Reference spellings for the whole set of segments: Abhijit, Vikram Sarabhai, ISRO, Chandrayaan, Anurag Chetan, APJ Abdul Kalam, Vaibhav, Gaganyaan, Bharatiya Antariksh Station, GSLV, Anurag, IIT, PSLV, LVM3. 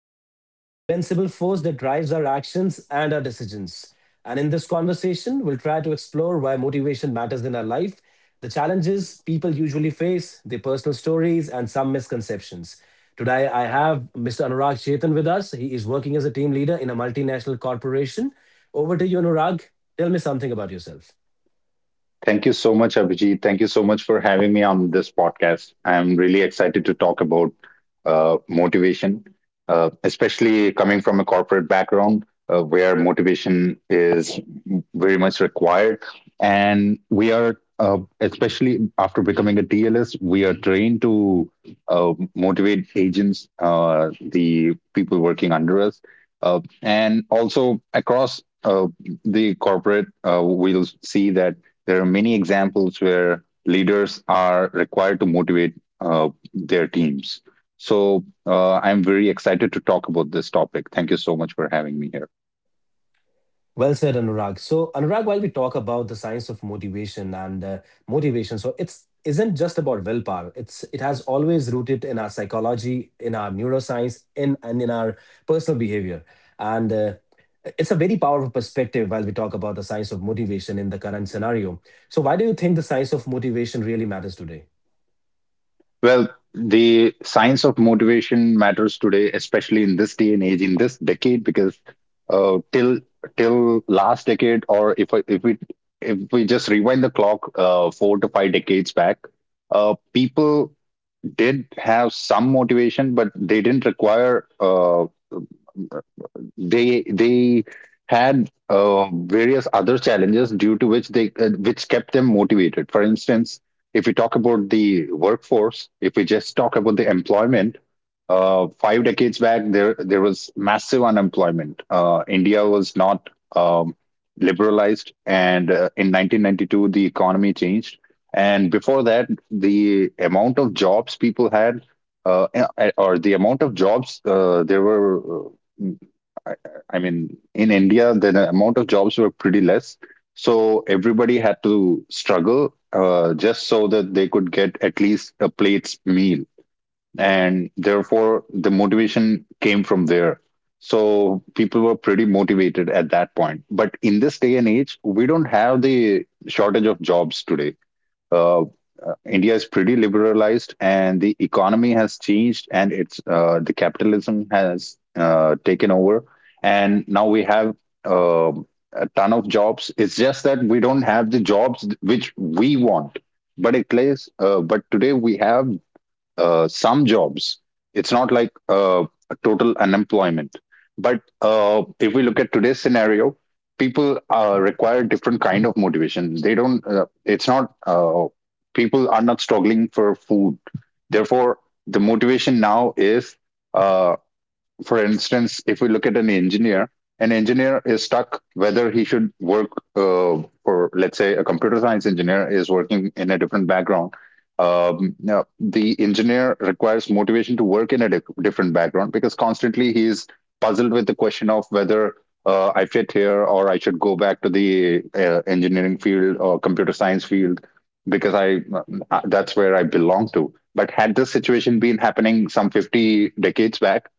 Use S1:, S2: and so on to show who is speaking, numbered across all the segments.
S1: Motivation is the invincible force that drives our actions and our decisions. And in this conversation, we'll try to explore why motivation matters in our life, the challenges people usually face, their personal stories, and some misconceptions. Today, I have Mr. Anurag Chetan with us. He is working as a team leader in a multinational corporation. Over to you, Anurag. Tell me something about yourself.
S2: Thank you so much, Abhijit. Thank you so much for having me on this podcast. I'm really excited to talk about motivation, especially coming from a corporate background where motivation is very much required. And we are, especially after becoming a TLS, we are trained to motivate agents, the people working under us, and also across the corporate, we'll see that there are many examples where leaders are required to motivate their teams. So I'm very excited to talk about this topic. Thank you so much for having me here.
S1: Well said, Anurag. So, Anurag, while we talk about the science of motivation and motivation, so it's isn't just about willpower. It has always rooted in our psychology, in our neuroscience, in and in our personal behavior. And it's a very powerful perspective while we talk about the science of motivation in the current scenario. So, why do you think the science of motivation really matters today?
S2: Well, the science of motivation matters today, especially in this day and age, in this decade, because till till last decade, or if we just rewind the clock four to five decades back, people did have some motivation, but they didn't require they had various other challenges due to which they which kept them motivated. For instance, if we talk about the workforce, if we just talk about the employment, five decades back there was massive unemployment. India was not um, liberalized, and in 1992 the economy changed. And before that, the amount of jobs people had, uh, eh, or the amount of jobs I, I mean, in India, the amount of jobs were pretty less. So everybody had to struggle just so that they could get at least a plate's meal. And therefore, the motivation came from there. So people were pretty motivated at that point. But in this day and age, we don't have the shortage of jobs today. uh, uh, India is pretty liberalized and the economy has changed, and it's the capitalism has taken over, and now we have uh, a ton of jobs. It's just that we don't have the jobs which we want. But it plays. But today we have some jobs. It's not like a total unemployment. But if we look at today's scenario, people require different kind of motivation. They don't. It's not. People are not struggling for food. Therefore, the motivation now is, uh, for instance, if we look at an engineer is stuck whether he should work, uh, for, let's say, a computer science engineer is working in a different background. Now, the engineer requires motivation to work in a different background because constantly he is puzzled with the question of whether, I fit here, or I should go back to the engineering field or computer science field because I that's where I belong to. But had this situation been happening some 50 decades back,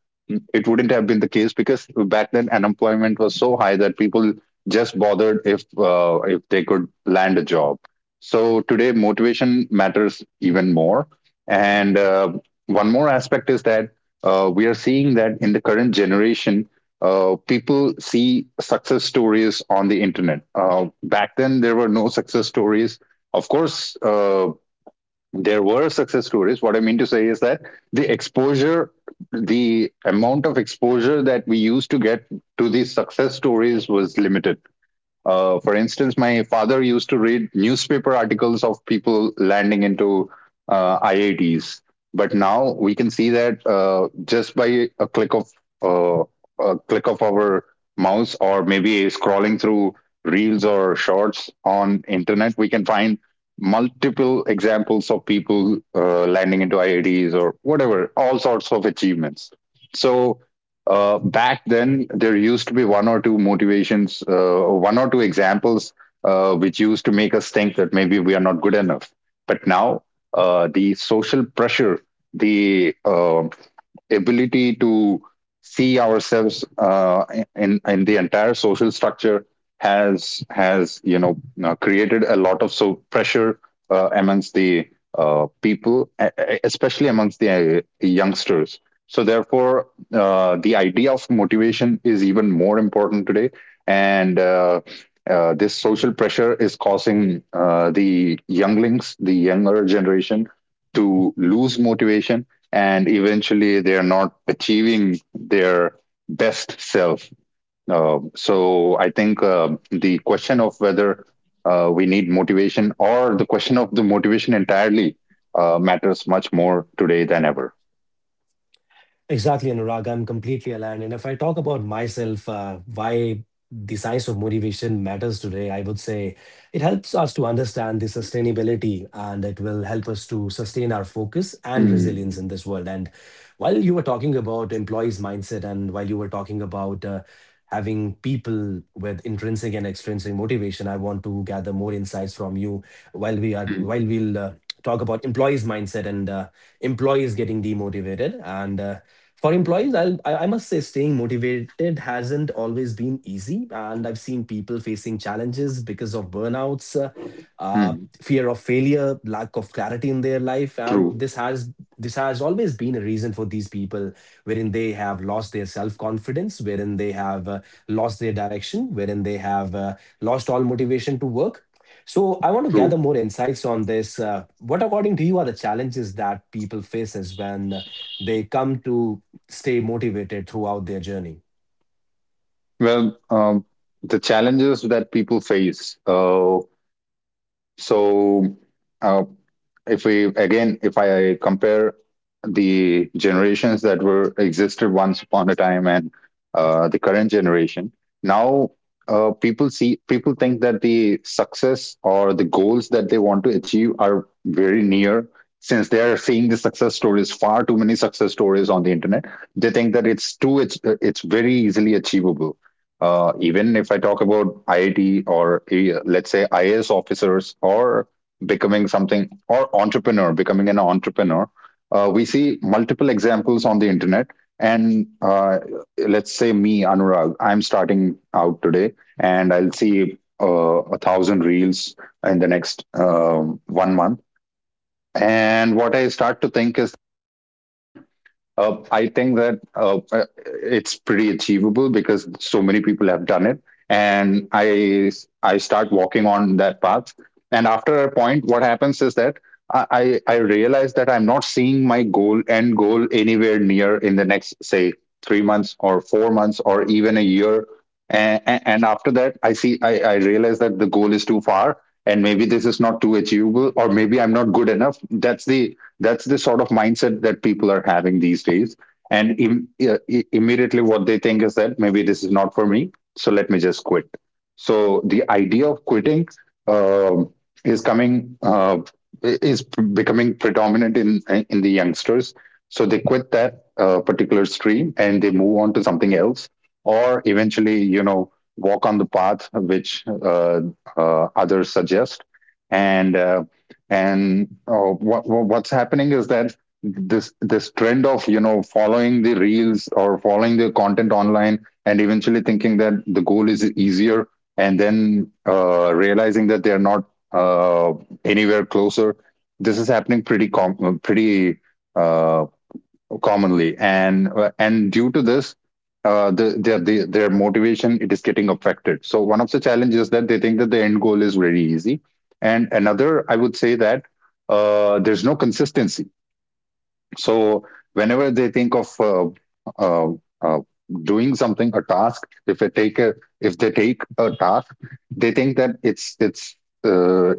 S2: it wouldn't have been the case because back then unemployment was so high that people just bothered if they could land a job. So today motivation matters even more. And one more aspect is that we are seeing that in the current generation, people see success stories on the internet. Back then, there were no success stories. Of course, there were success stories. What I mean to say is that the exposure, the amount of exposure that we used to get to these success stories was limited. For instance, my father used to read newspaper articles of people landing into IITs, but now we can see that just by uh, a click of our mouse, or maybe scrolling through reels or shorts on internet, we can find multiple examples of people landing into IITs or whatever, all sorts of achievements. So back then there used to be one or two motivations or one or two examples which used to make us think that maybe we are not good enough, but now the social pressure, the ability to see ourselves in the entire social structure has created a lot of so pressure amongst the uh, people, e- especially amongst the youngsters. So therefore, the idea of motivation is even more important today, and this social pressure is causing the younger generation to lose motivation, and eventually they are not achieving their best self. So I think the question of whether we need motivation, or the question of the motivation entirely, matters much more today than ever.
S1: Exactly, Anurag. I'm completely aligned. And if I talk about myself, why the science of motivation matters today, I would say it helps us to understand the sustainability and it will help us to sustain our focus and resilience in
S2: Mm,
S1: this world. And while you were talking about employees' mindset and while you were talking about having people with intrinsic and extrinsic motivation, I want to gather more insights from you while we are
S2: mm,
S1: while we'll uh, talk about employees mindset and employees getting demotivated and for employees I must say staying motivated hasn't always been easy and I've seen people facing challenges because of burnouts uh,
S2: mm.
S1: fear of failure, lack of clarity in their life, and
S2: True,
S1: this has always been a reason for these people, wherein they have lost their self confidence, wherein they have lost their direction, wherein they have lost all motivation to work. So I want to
S2: true.
S1: gather more insights on this. What, according to you, are the challenges that people faces when they come to stay motivated throughout their journey?
S2: Well, the challenges that people face. So uh, if we again, if I compare the generations that were existed once upon a time and the current generation now, people think that the success or the goals that they want to achieve are very near, since they are seeing the success stories, far too many success stories on the internet. They think that it's very easily achievable. Even if I talk about IIT or let's say IS officers, or becoming an entrepreneur, we see multiple examples on the internet. And let's say me, Anurag, I'm starting out today, and I'll see a thousand reels in the next 1 month. And what I start to think is I think that it's pretty achievable because so many people have done it, and I start walking on that path. And after a point, what happens is that I realize that I'm not seeing my goal end goal anywhere near in the next, say, 3 months or 4 months, or even a year. And after that, I realize that the goal is too far, and maybe this is not too achievable, or maybe I'm not good enough. That's the sort of mindset that people are having these days. And immediately, what they think is that maybe this is not for me, so let me just quit. So the idea of quitting um is coming uh, is becoming predominant in the youngsters. So they quit that particular stream and they move on to something else, or eventually, you know, walk on the path which uh, others suggest. And uh, and what what's happening is that this trend of, you know, following the reels or following the content online, and eventually thinking that the goal is easier, and then realizing that they're not uh, anywhere closer, this is happening pretty pretty uh, commonly. And due to this, the, their motivation, it is getting affected. So one of the challenges is that they think that the end goal is very easy, and another I would say that there's no consistency. So whenever they think of uh, uh, doing something, a task, if they take a, if they take a task, they think that it's uh, uh,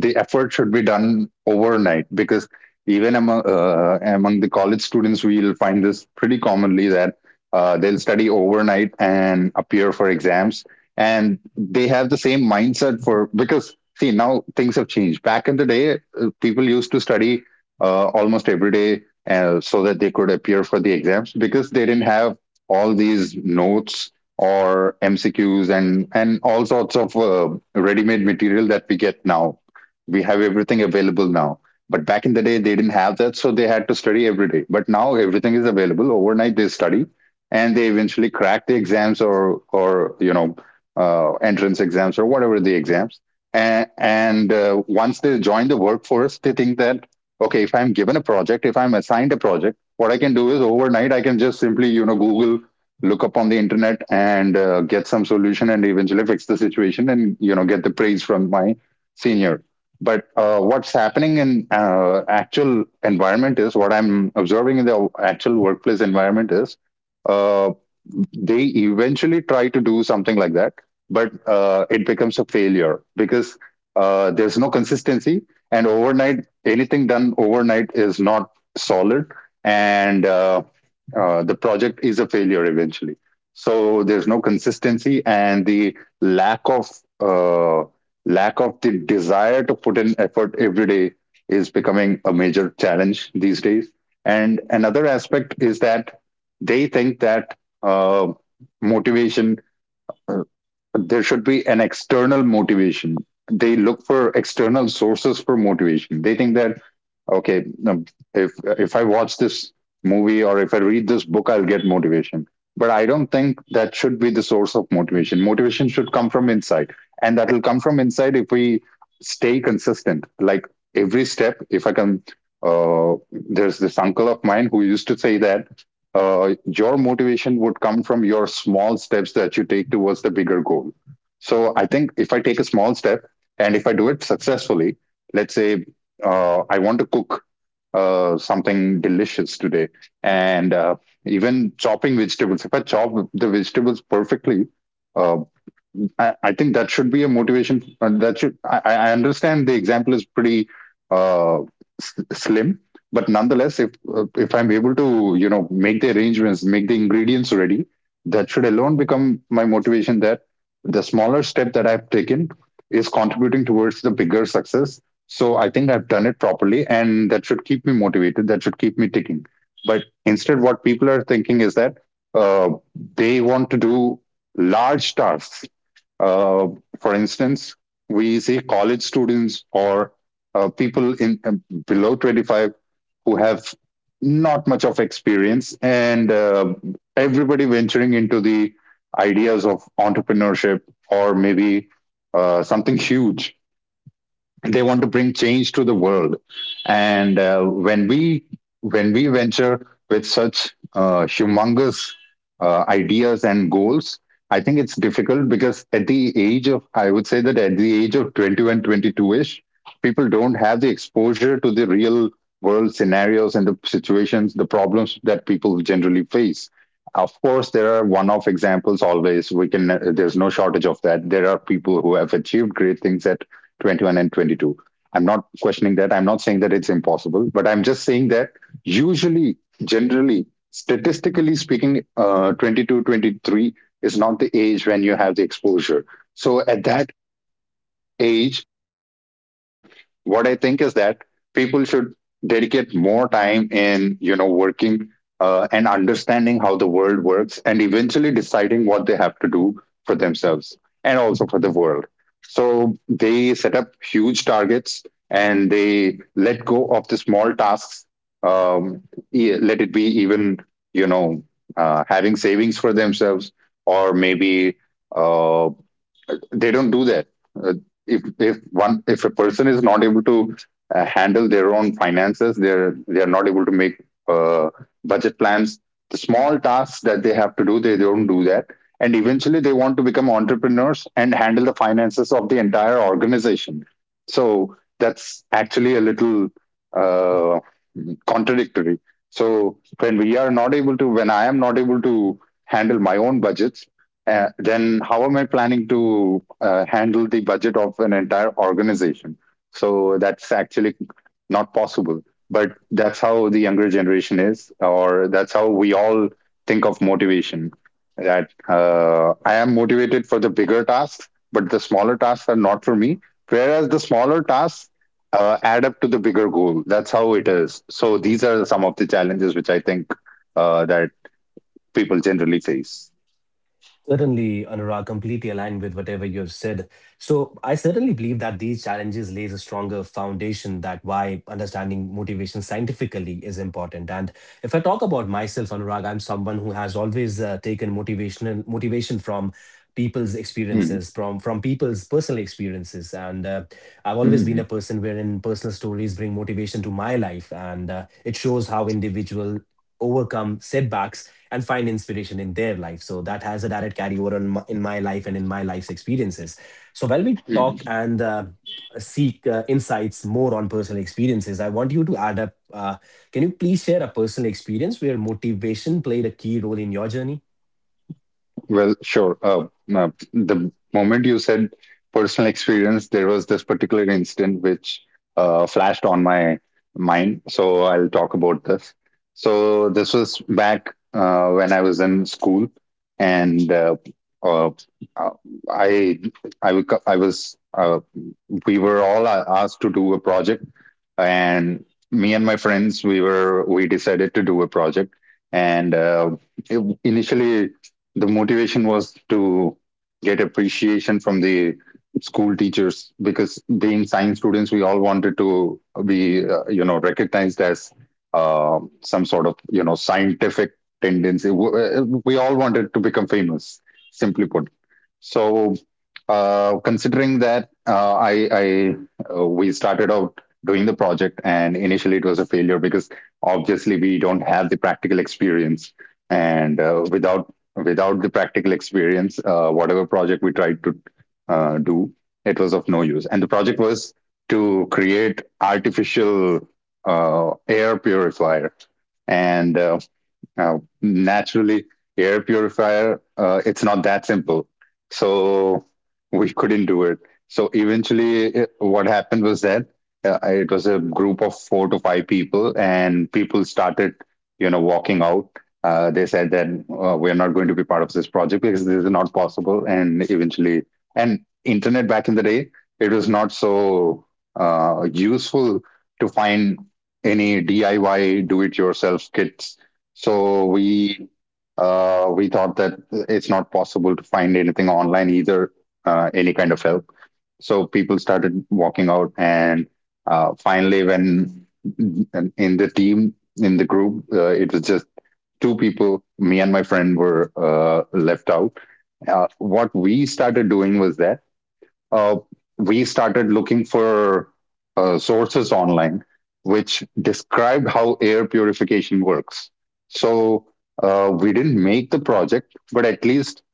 S2: the effort should be done overnight, because even among among the college students, we'll find this pretty commonly that they'll study overnight and appear for exams, and they have the same mindset for, because, see, now things have changed. Back in the day, people used to study almost every day so that they could appear for the exams, because they didn't have all these notes or MCQs, and all sorts of ready-made material that we get now. We have everything available now. But back in the day, they didn't have that, so they had to study every day. But now everything is available. Overnight, they study, and they eventually crack the exams, or, you know, entrance exams, or whatever, the exams. And Once they join the workforce, they think that, okay, if I'm given a project, if I'm assigned a project, what I can do is, overnight I can just simply, you know, google, look up on the internet, and get some solution, and eventually fix the situation and, you know, get the praise from my senior. But what's happening in actual environment, is what I'm observing in the actual workplace environment, is uh, they eventually try to do something like that, but it becomes a failure because there's no consistency, and overnight, anything done overnight, is not solid, and the project is a failure eventually. So there's no consistency, and the lack of uh, lack of the desire to put in effort every day is becoming a major challenge these days. And another aspect is that they think that uh, motivation uh, there should be an external motivation. They look for external sources for motivation. They think that, okay um, if if I watch this movie or if I read this book, I'll get motivation. But I don't think that should be the source of motivation. Motivation should come from inside, and that will come from inside if we stay consistent. Like, every step, if I can uh, there's this uncle of mine who used to say that your motivation would come from your small steps that you take towards the bigger goal. So I think if I take a small step and if I do it successfully, let's say I want to cook something delicious today. And even chopping vegetables, if I chop the vegetables perfectly, uh, I think that should be a motivation. That should, I understand the example is pretty uh, slim, but nonetheless, if I'm able to make the arrangements, make the ingredients ready, that should alone become my motivation. That the smaller step that I've taken is contributing towards the bigger success. So I think I've done it properly, and that should keep me motivated. That should keep me ticking. But instead, what people are thinking is that uh, they want to do large tasks. uh, for instance, we see college students or people in below 25 who have not much of experience, and everybody venturing into the ideas of entrepreneurship, or maybe something huge. They want to bring change to the world, and when we, when we venture with such humongous ideas and goals, I think it's difficult because at the age of, I would say that at the age of 21, 22 ish, people don't have the exposure to the real world scenarios and the situations, the problems that people generally face. Of course, there are one off examples, always we can, there's no shortage of that. There are people who have achieved great things at 21 and 22. I'm not questioning that. I'm not saying that it's impossible, but I'm just saying that usually, generally, statistically speaking, 22, 23 is not the age when you have the exposure. So at that age, what I think is that people should dedicate more time in, you know, working and understanding how the world works, and eventually deciding what they have to do for themselves and also for the world. So they set up huge targets and they let go of the small tasks. Um, let it be even, you know, having savings for themselves, or maybe uh, they don't do that. Uh, if one, if a person is not able to handle their own finances, they are not able to make uh, budget plans. The small tasks that they have to do, they don't do that. And eventually, they want to become entrepreneurs and handle the finances of the entire organization. So that's actually a little uh, contradictory. So when we are not able to, when I am not able to handle my own budgets, then how am I planning to handle the budget of an entire organization? So that's actually not possible. But that's how the younger generation is, or that's how we all think of motivation. That I am motivated for the bigger tasks, but the smaller tasks are not for me. Whereas the smaller tasks add up to the bigger goal. That's how it is. So these are some of the challenges which I think that people generally face.
S1: Certainly, Anurag, completely aligned with whatever you have said. So, I certainly believe that these challenges lays a stronger foundation that why understanding motivation scientifically is important. And if I talk about myself, Anurag, I'm someone who has always taken motivation from people's experiences,
S2: Hmm.
S1: from people's personal experiences, and I've always been a
S2: Hmm.
S1: person wherein personal stories bring motivation to my life, and it shows how individual overcome setbacks and find inspiration in their life. So that has a direct carryover on in my life and in my life's experiences. So while we talk
S2: Hmm.
S1: and seek insights more on personal experiences, I want you to add up. Can you please share a personal experience where motivation played a key role in your journey?
S2: Well, sure. The moment you said personal experience, there was this particular incident which flashed on my mind. So I'll talk about this. So this was back when I was in school, and uh, uh, I I was, we were all asked to do a project, and me and my friends, we decided to do a project. And initially, the motivation was to get appreciation from the school teachers because, being science students, we all wanted to be you know, recognized as some sort of, you know, scientific tendency. We all wanted to become famous, simply put. So considering that I we started out doing the project, and initially it was a failure because obviously we don't have the practical experience, and without, the practical experience, whatever project we tried to do, it was of no use. And the project was to create artificial air purifier, and now, naturally, air purifier, it's not that simple, so we couldn't do it. So eventually, what happened was that it was a group of 4 to 5 people, and people started, you know, walking out. They said that we're not going to be part of this project because this is not possible. And eventually, and internet back in the day, it was not so useful to find any DIY, do it yourself kits. So we thought that it's not possible to find anything online either, any kind of help. So people started walking out, and finally, when, and in the team, in the group, it was just two people, me and my friend, were left out. What we started doing was that uh, we started looking for sources online which described how air purification works. So we didn't make the project, but at least,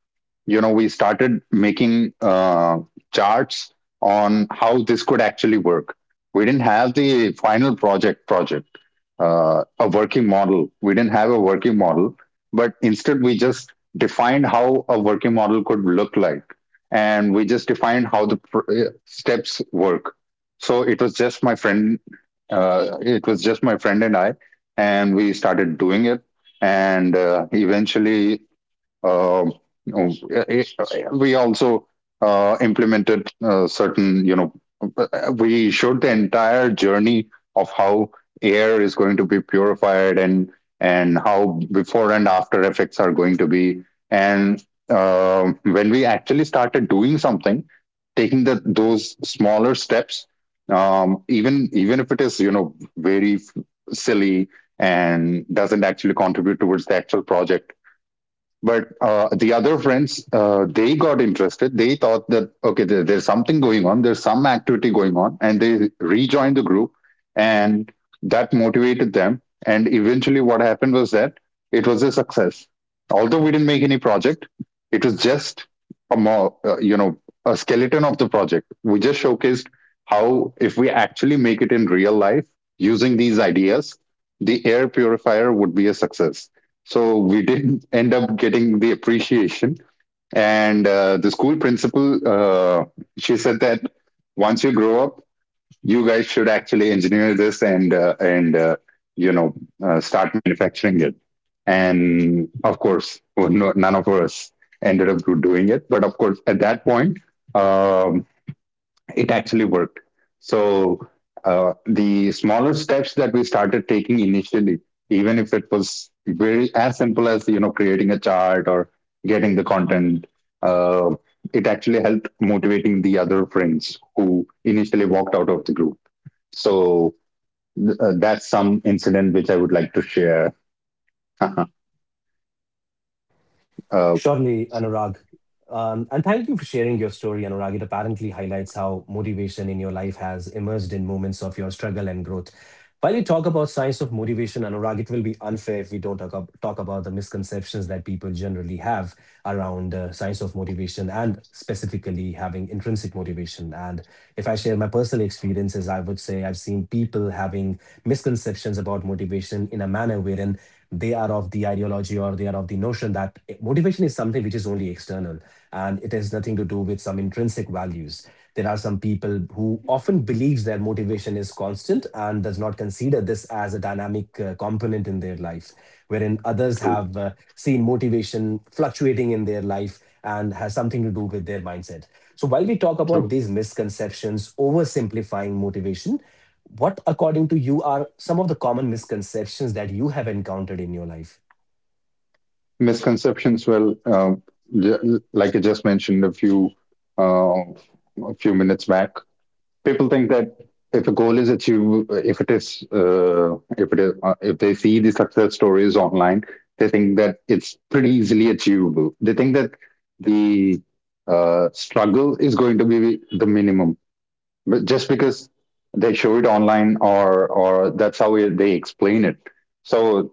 S2: you know, we started making charts on how this could actually work. We didn't have the final project, a working model. We didn't have a working model, but instead we just defined how a working model could look like, and we just defined how the steps work. So it was just my friend, it was just my friend and I, and we started doing it. And eventually, um, um, eh, eh, we also implemented certain, you know, we showed the entire journey of how air is going to be purified, and how before and after effects are going to be. And when we actually started doing something, taking the those smaller steps, even if it is, you know, very silly, and doesn't actually contribute towards the actual project, but the other friends, they got interested. They thought that okay, there's something going on, there's some activity going on, and they rejoined the group. And that motivated them. And eventually what happened was that it was a success, although we didn't make any project. It was just a more you know, a skeleton of the project. We just showcased how, if we actually make it in real life using these ideas, the air purifier would be a success. So we didn't end up getting the appreciation. And the school principal, she said that once you grow up, you guys should actually engineer this, and you know, start manufacturing it. And of course, well, no, none of us ended up doing it. But of course, at that point, um, it actually worked. So the smaller steps that we started taking initially, even if it was very as simple as, you know, creating a chart or getting the content, uh, it actually helped motivating the other friends who initially walked out of the group. So that's some incident which I would like to share. uh,
S1: Surely, Anurag. And thank you for sharing your story, Anurag. It apparently highlights how motivation in your life has emerged in moments of your struggle and growth. While we talk about science of motivation, Anurag, it will be unfair if we don't talk about the misconceptions that people generally have around science of motivation and specifically having intrinsic motivation. And if I share my personal experiences, I would say I've seen people having misconceptions about motivation in a manner wherein they are of the ideology or they are of the notion that motivation is something which is only external and it has nothing to do with some intrinsic values. There are some people who often believes their motivation is constant and does not consider this as a dynamic component in their life, wherein others have
S2: true,
S1: seen motivation fluctuating in their life and has something to do with their mindset. So while we talk about
S2: true.
S1: these misconceptions, oversimplifying motivation, what according to you are some of the common misconceptions that you have encountered in your life?
S2: Misconceptions. Well, j- like I just mentioned uh, a few minutes back, people think that if a goal is achieved, if it is, if it is, if they see the success stories online, they think that it's pretty easily achievable. They think that the struggle is going to be the minimum, but just because they show it online, or that's how they explain it. So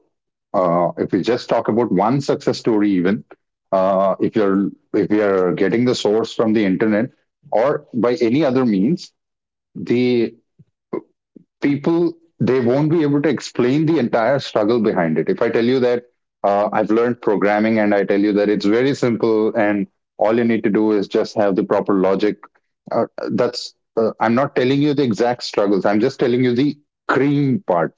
S2: if we just talk about one success story, even if you're if we are getting the source from the internet or by any other means, the people, they won't be able to explain the entire struggle behind it. If I tell you that I've learned programming and I tell you that it's very simple, and all you need to do is just have the proper logic, uh, that's I'm not telling you the exact struggles, I'm just telling you the cream part.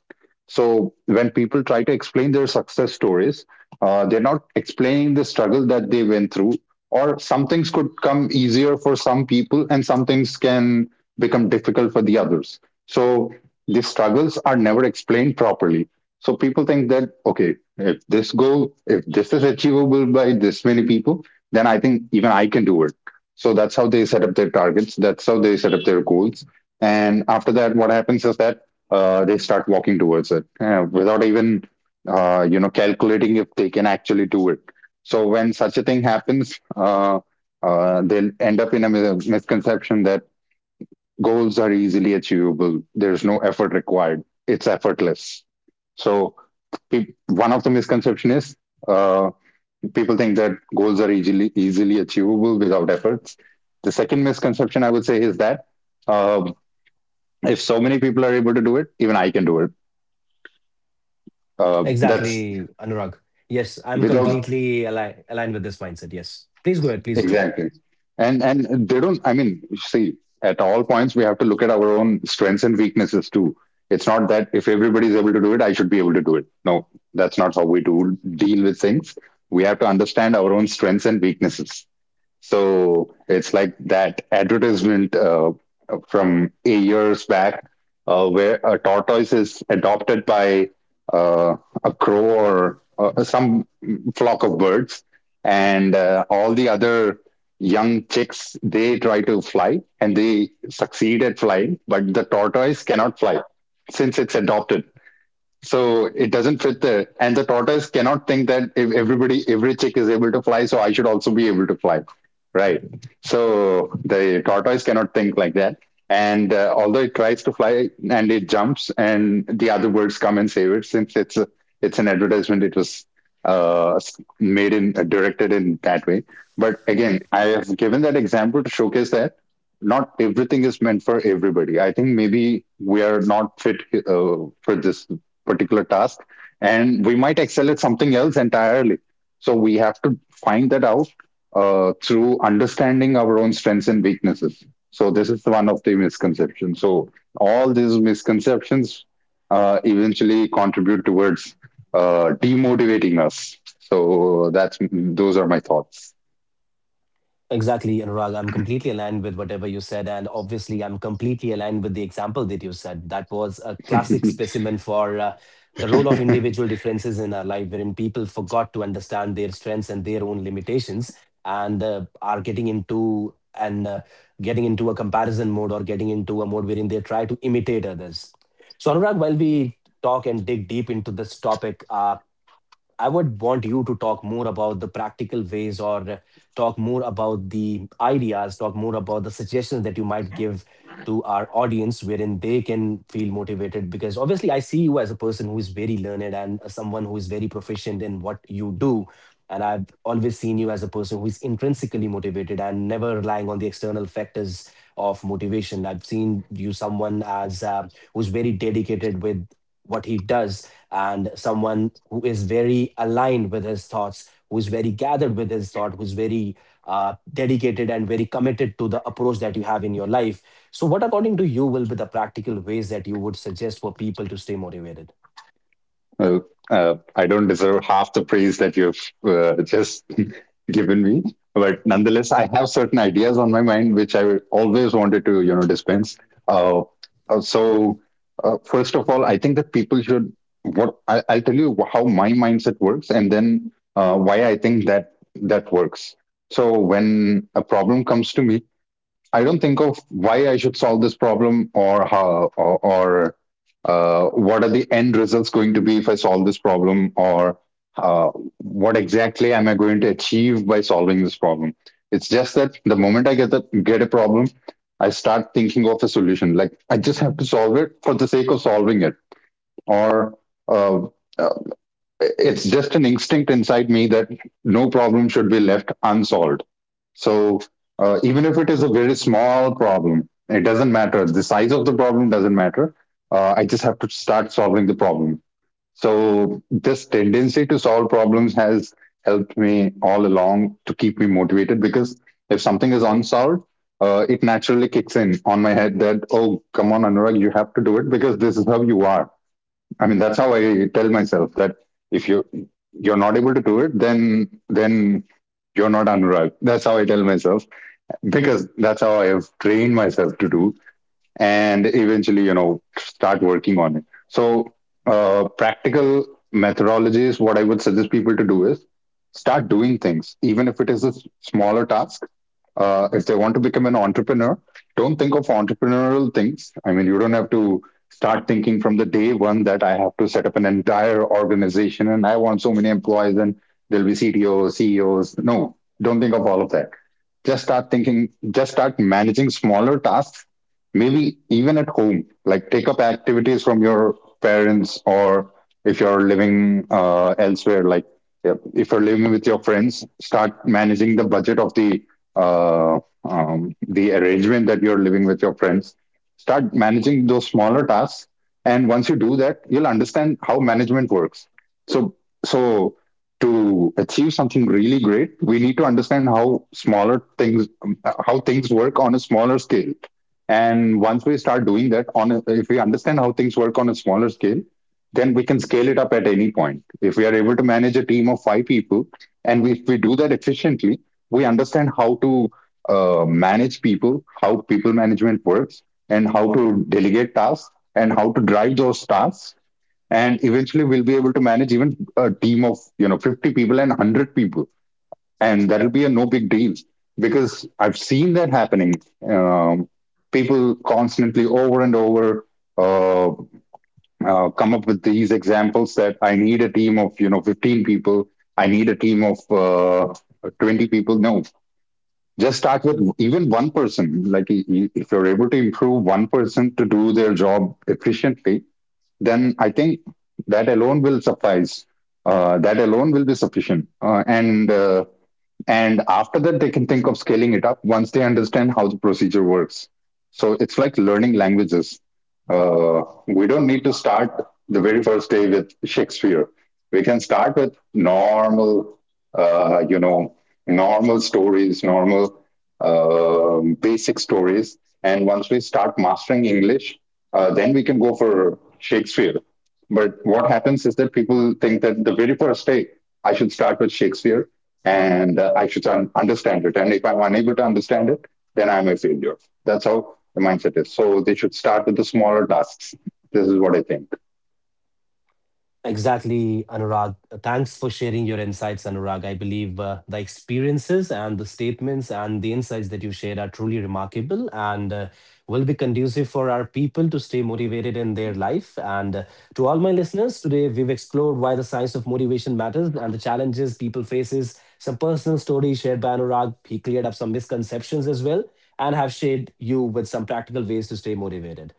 S2: So when people try to explain their success stories, they're not explaining the struggle that they went through. Or some things could come easier for some people, and some things can become difficult for the others. So the struggles are never explained properly. So people think that okay, if this goal, if this is achievable by this many people, then I think even I can do it. So that's how they set up their targets. That's how they set up their goals. And after that, what happens is that they start walking towards it without even calculating if they can actually do it. So when such a thing happens, they'll end up in a misconception that goals are easily achievable. There's no effort required. It's effortless. So one of the misconception is uh, people think that goals are easily achievable without efforts. The second misconception I would say is that uh, if so many people are able to do it, even I can do it. That's
S1: Exactly, Anurag. Yes, I'm
S2: Without,
S1: completely aligned with this mindset. Yes. Please go ahead. Please go ahead.
S2: exactly, and they don't, I mean, see, at all points we have to look at our own strengths and weaknesses too. It's not that if everybody is able to do it I should be able to do it. No, that's not how we do deal with things. We have to understand our own strengths and weaknesses. So it's like that advertisement from a years back where a tortoise is adopted by uh, a crow or some flock of birds, and all the other young chicks, they try to fly and they succeed at flying, but the tortoise cannot fly since it's adopted. So it doesn't fit there, and the tortoise cannot think that if everybody, every chick is able to fly, so I should also be able to fly, right? So the tortoise cannot think like that. And although it tries to fly and it jumps, and the other birds come and save it, since it's a, it's an advertisement, it was uh, made in, directed in that way. But again, I have given that example to showcase that not everything is meant for everybody. I think maybe we are not fit uh, for this particular task, and we might excel at something else entirely. So we have to find that out through understanding our own strengths and weaknesses. So this is one of the misconceptions. So all these misconceptions eventually contribute towards demotivating us. So that's, those are my thoughts.
S1: Exactly, Anurag. I'm completely aligned with whatever you said. And obviously, I'm completely aligned with the example that you said. That was a classic specimen for the role of individual differences in our life, wherein people forgot to understand their strengths and their own limitations and are getting into and getting into a comparison mode or getting into a mode wherein they try to imitate others. So, Anurag, while we talk and dig deep into this topic, I would want you to talk more about the practical ways or talk more about the ideas, talk more about the suggestions that you might give to our audience wherein they can feel motivated. Because obviously, I see you as a person who is very learned and someone who is very proficient in what you do. And I've always seen you as a person who is intrinsically motivated and never relying on the external factors of motivation. I've seen you someone as who's very dedicated with what he does and someone who is very aligned with his thoughts, who is very gathered with his thought, who's very dedicated and very committed to the approach that you have in your life. So, what according to you will be the practical ways that you would suggest for people to stay motivated?
S2: Well, I don't deserve half the praise that you've just given me, but nonetheless, I have certain ideas on my mind which I always wanted to, you know, dispense. Uh, uh, so, first of all, I think that people should. What I'll tell you how my mindset works, and then why I think that that works. So, when a problem comes to me, I don't think of why I should solve this problem or how or, what are the end results going to be if I solve this problem, or uh, what exactly am I going to achieve by solving this problem. It's just that the moment I get a problem, I start thinking of a solution. Like I just have to solve it for the sake of solving it, or uh, uh, it's just an instinct inside me that no problem should be left unsolved. So even if it is a very small problem, it doesn't matter. The size of the problem doesn't matter. I just have to start solving the problem. So this tendency to solve problems has helped me all along to keep me motivated because if something is unsolved, it naturally kicks in on my head that, oh, come on, Anurag, you have to do it because this is how you are. I mean, that's how I tell myself that if you're not able to do it, then you're not Anurag. That's how I tell myself, because that's how I have trained myself to do, and eventually, you know, start working on it. So, practical methodologies. What I would suggest people to do is start doing things, even if it is a smaller task. If they want to become an entrepreneur, don't think of entrepreneurial things. I mean, you don't have to start thinking from the day one that I have to set up an entire organization, and I want so many employees, and there'll be CTOs, CEOs. No, don't think of all of that. Just start thinking, just start managing smaller tasks, maybe even at home, like take up activities from your parents, or if you're living elsewhere, like, yeah, if you're living with your friends, start managing the budget of uh, the arrangement that you're living with your friends. Start managing those smaller tasks, and once you do that, you'll understand how management works. So so to achieve something really great, we need to understand how smaller things, how things work on a smaller scale. And once we start doing that, if we understand how things work on a smaller scale, then we can scale it up at any point. If we are able to manage a team of five people, and if we do that efficiently, we understand how to manage people, how people management works, and how to delegate tasks, and how to drive those tasks, and eventually we'll be able to manage even a team of, you know, 50 people and 100 people. And that'll be a no big deal, because I've seen that happening. um, People constantly, over and over, uh, come up with these examples that I need a team of, you know, 15 people, I need a team of 20 people. No, just start with even one person. Like, if you're able to improve one person to do their job efficiently, then I think that alone will suffice. That alone will be sufficient. And after that, they can think of scaling it up once they understand how the procedure works. So it's like learning languages. Uh, we don't need to start the very first day with Shakespeare. We can start with normal, uh, you know, normal stories, normal basic stories. And once we start mastering English, then we can go for Shakespeare. But what happens is that people think that the very first day I should start with Shakespeare, and I should understand it. And if I'm unable to understand it, then I'm a failure. That's how the mindset is. So they should start with the smaller tasks. This is what I think.
S1: Exactly, Anurag. Thanks for sharing your insights, Anurag. I believe the experiences and the statements and the insights that you shared are truly remarkable and will be conducive for our people to stay motivated in their life. And to all my listeners, today we've explored why the science of motivation matters and the challenges people faces. Some personal stories shared by Anurag. He cleared up some misconceptions as well and have shared you with some practical ways to stay motivated.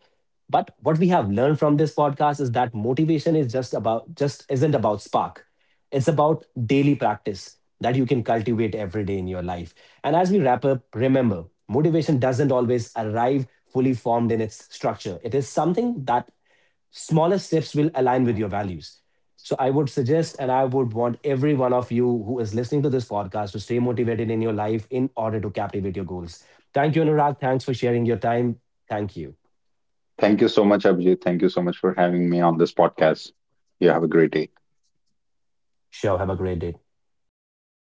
S1: But what we have learned from this podcast is that motivation is just isn't about spark. It's about daily practice that you can cultivate every day in your life. And as we wrap up, remember, motivation doesn't always arrive fully formed in its structure. It is something that smaller steps will align with your values. So I would suggest and I would want every one of you who is listening to this podcast to stay motivated in your life in order to captivate your goals. Thank you, Anurag. Thanks for sharing your time. Thank you.
S2: Thank you so much, Abhijit. Thank you so much for having me on this podcast. You have a great day.
S1: Sure. Have a great day.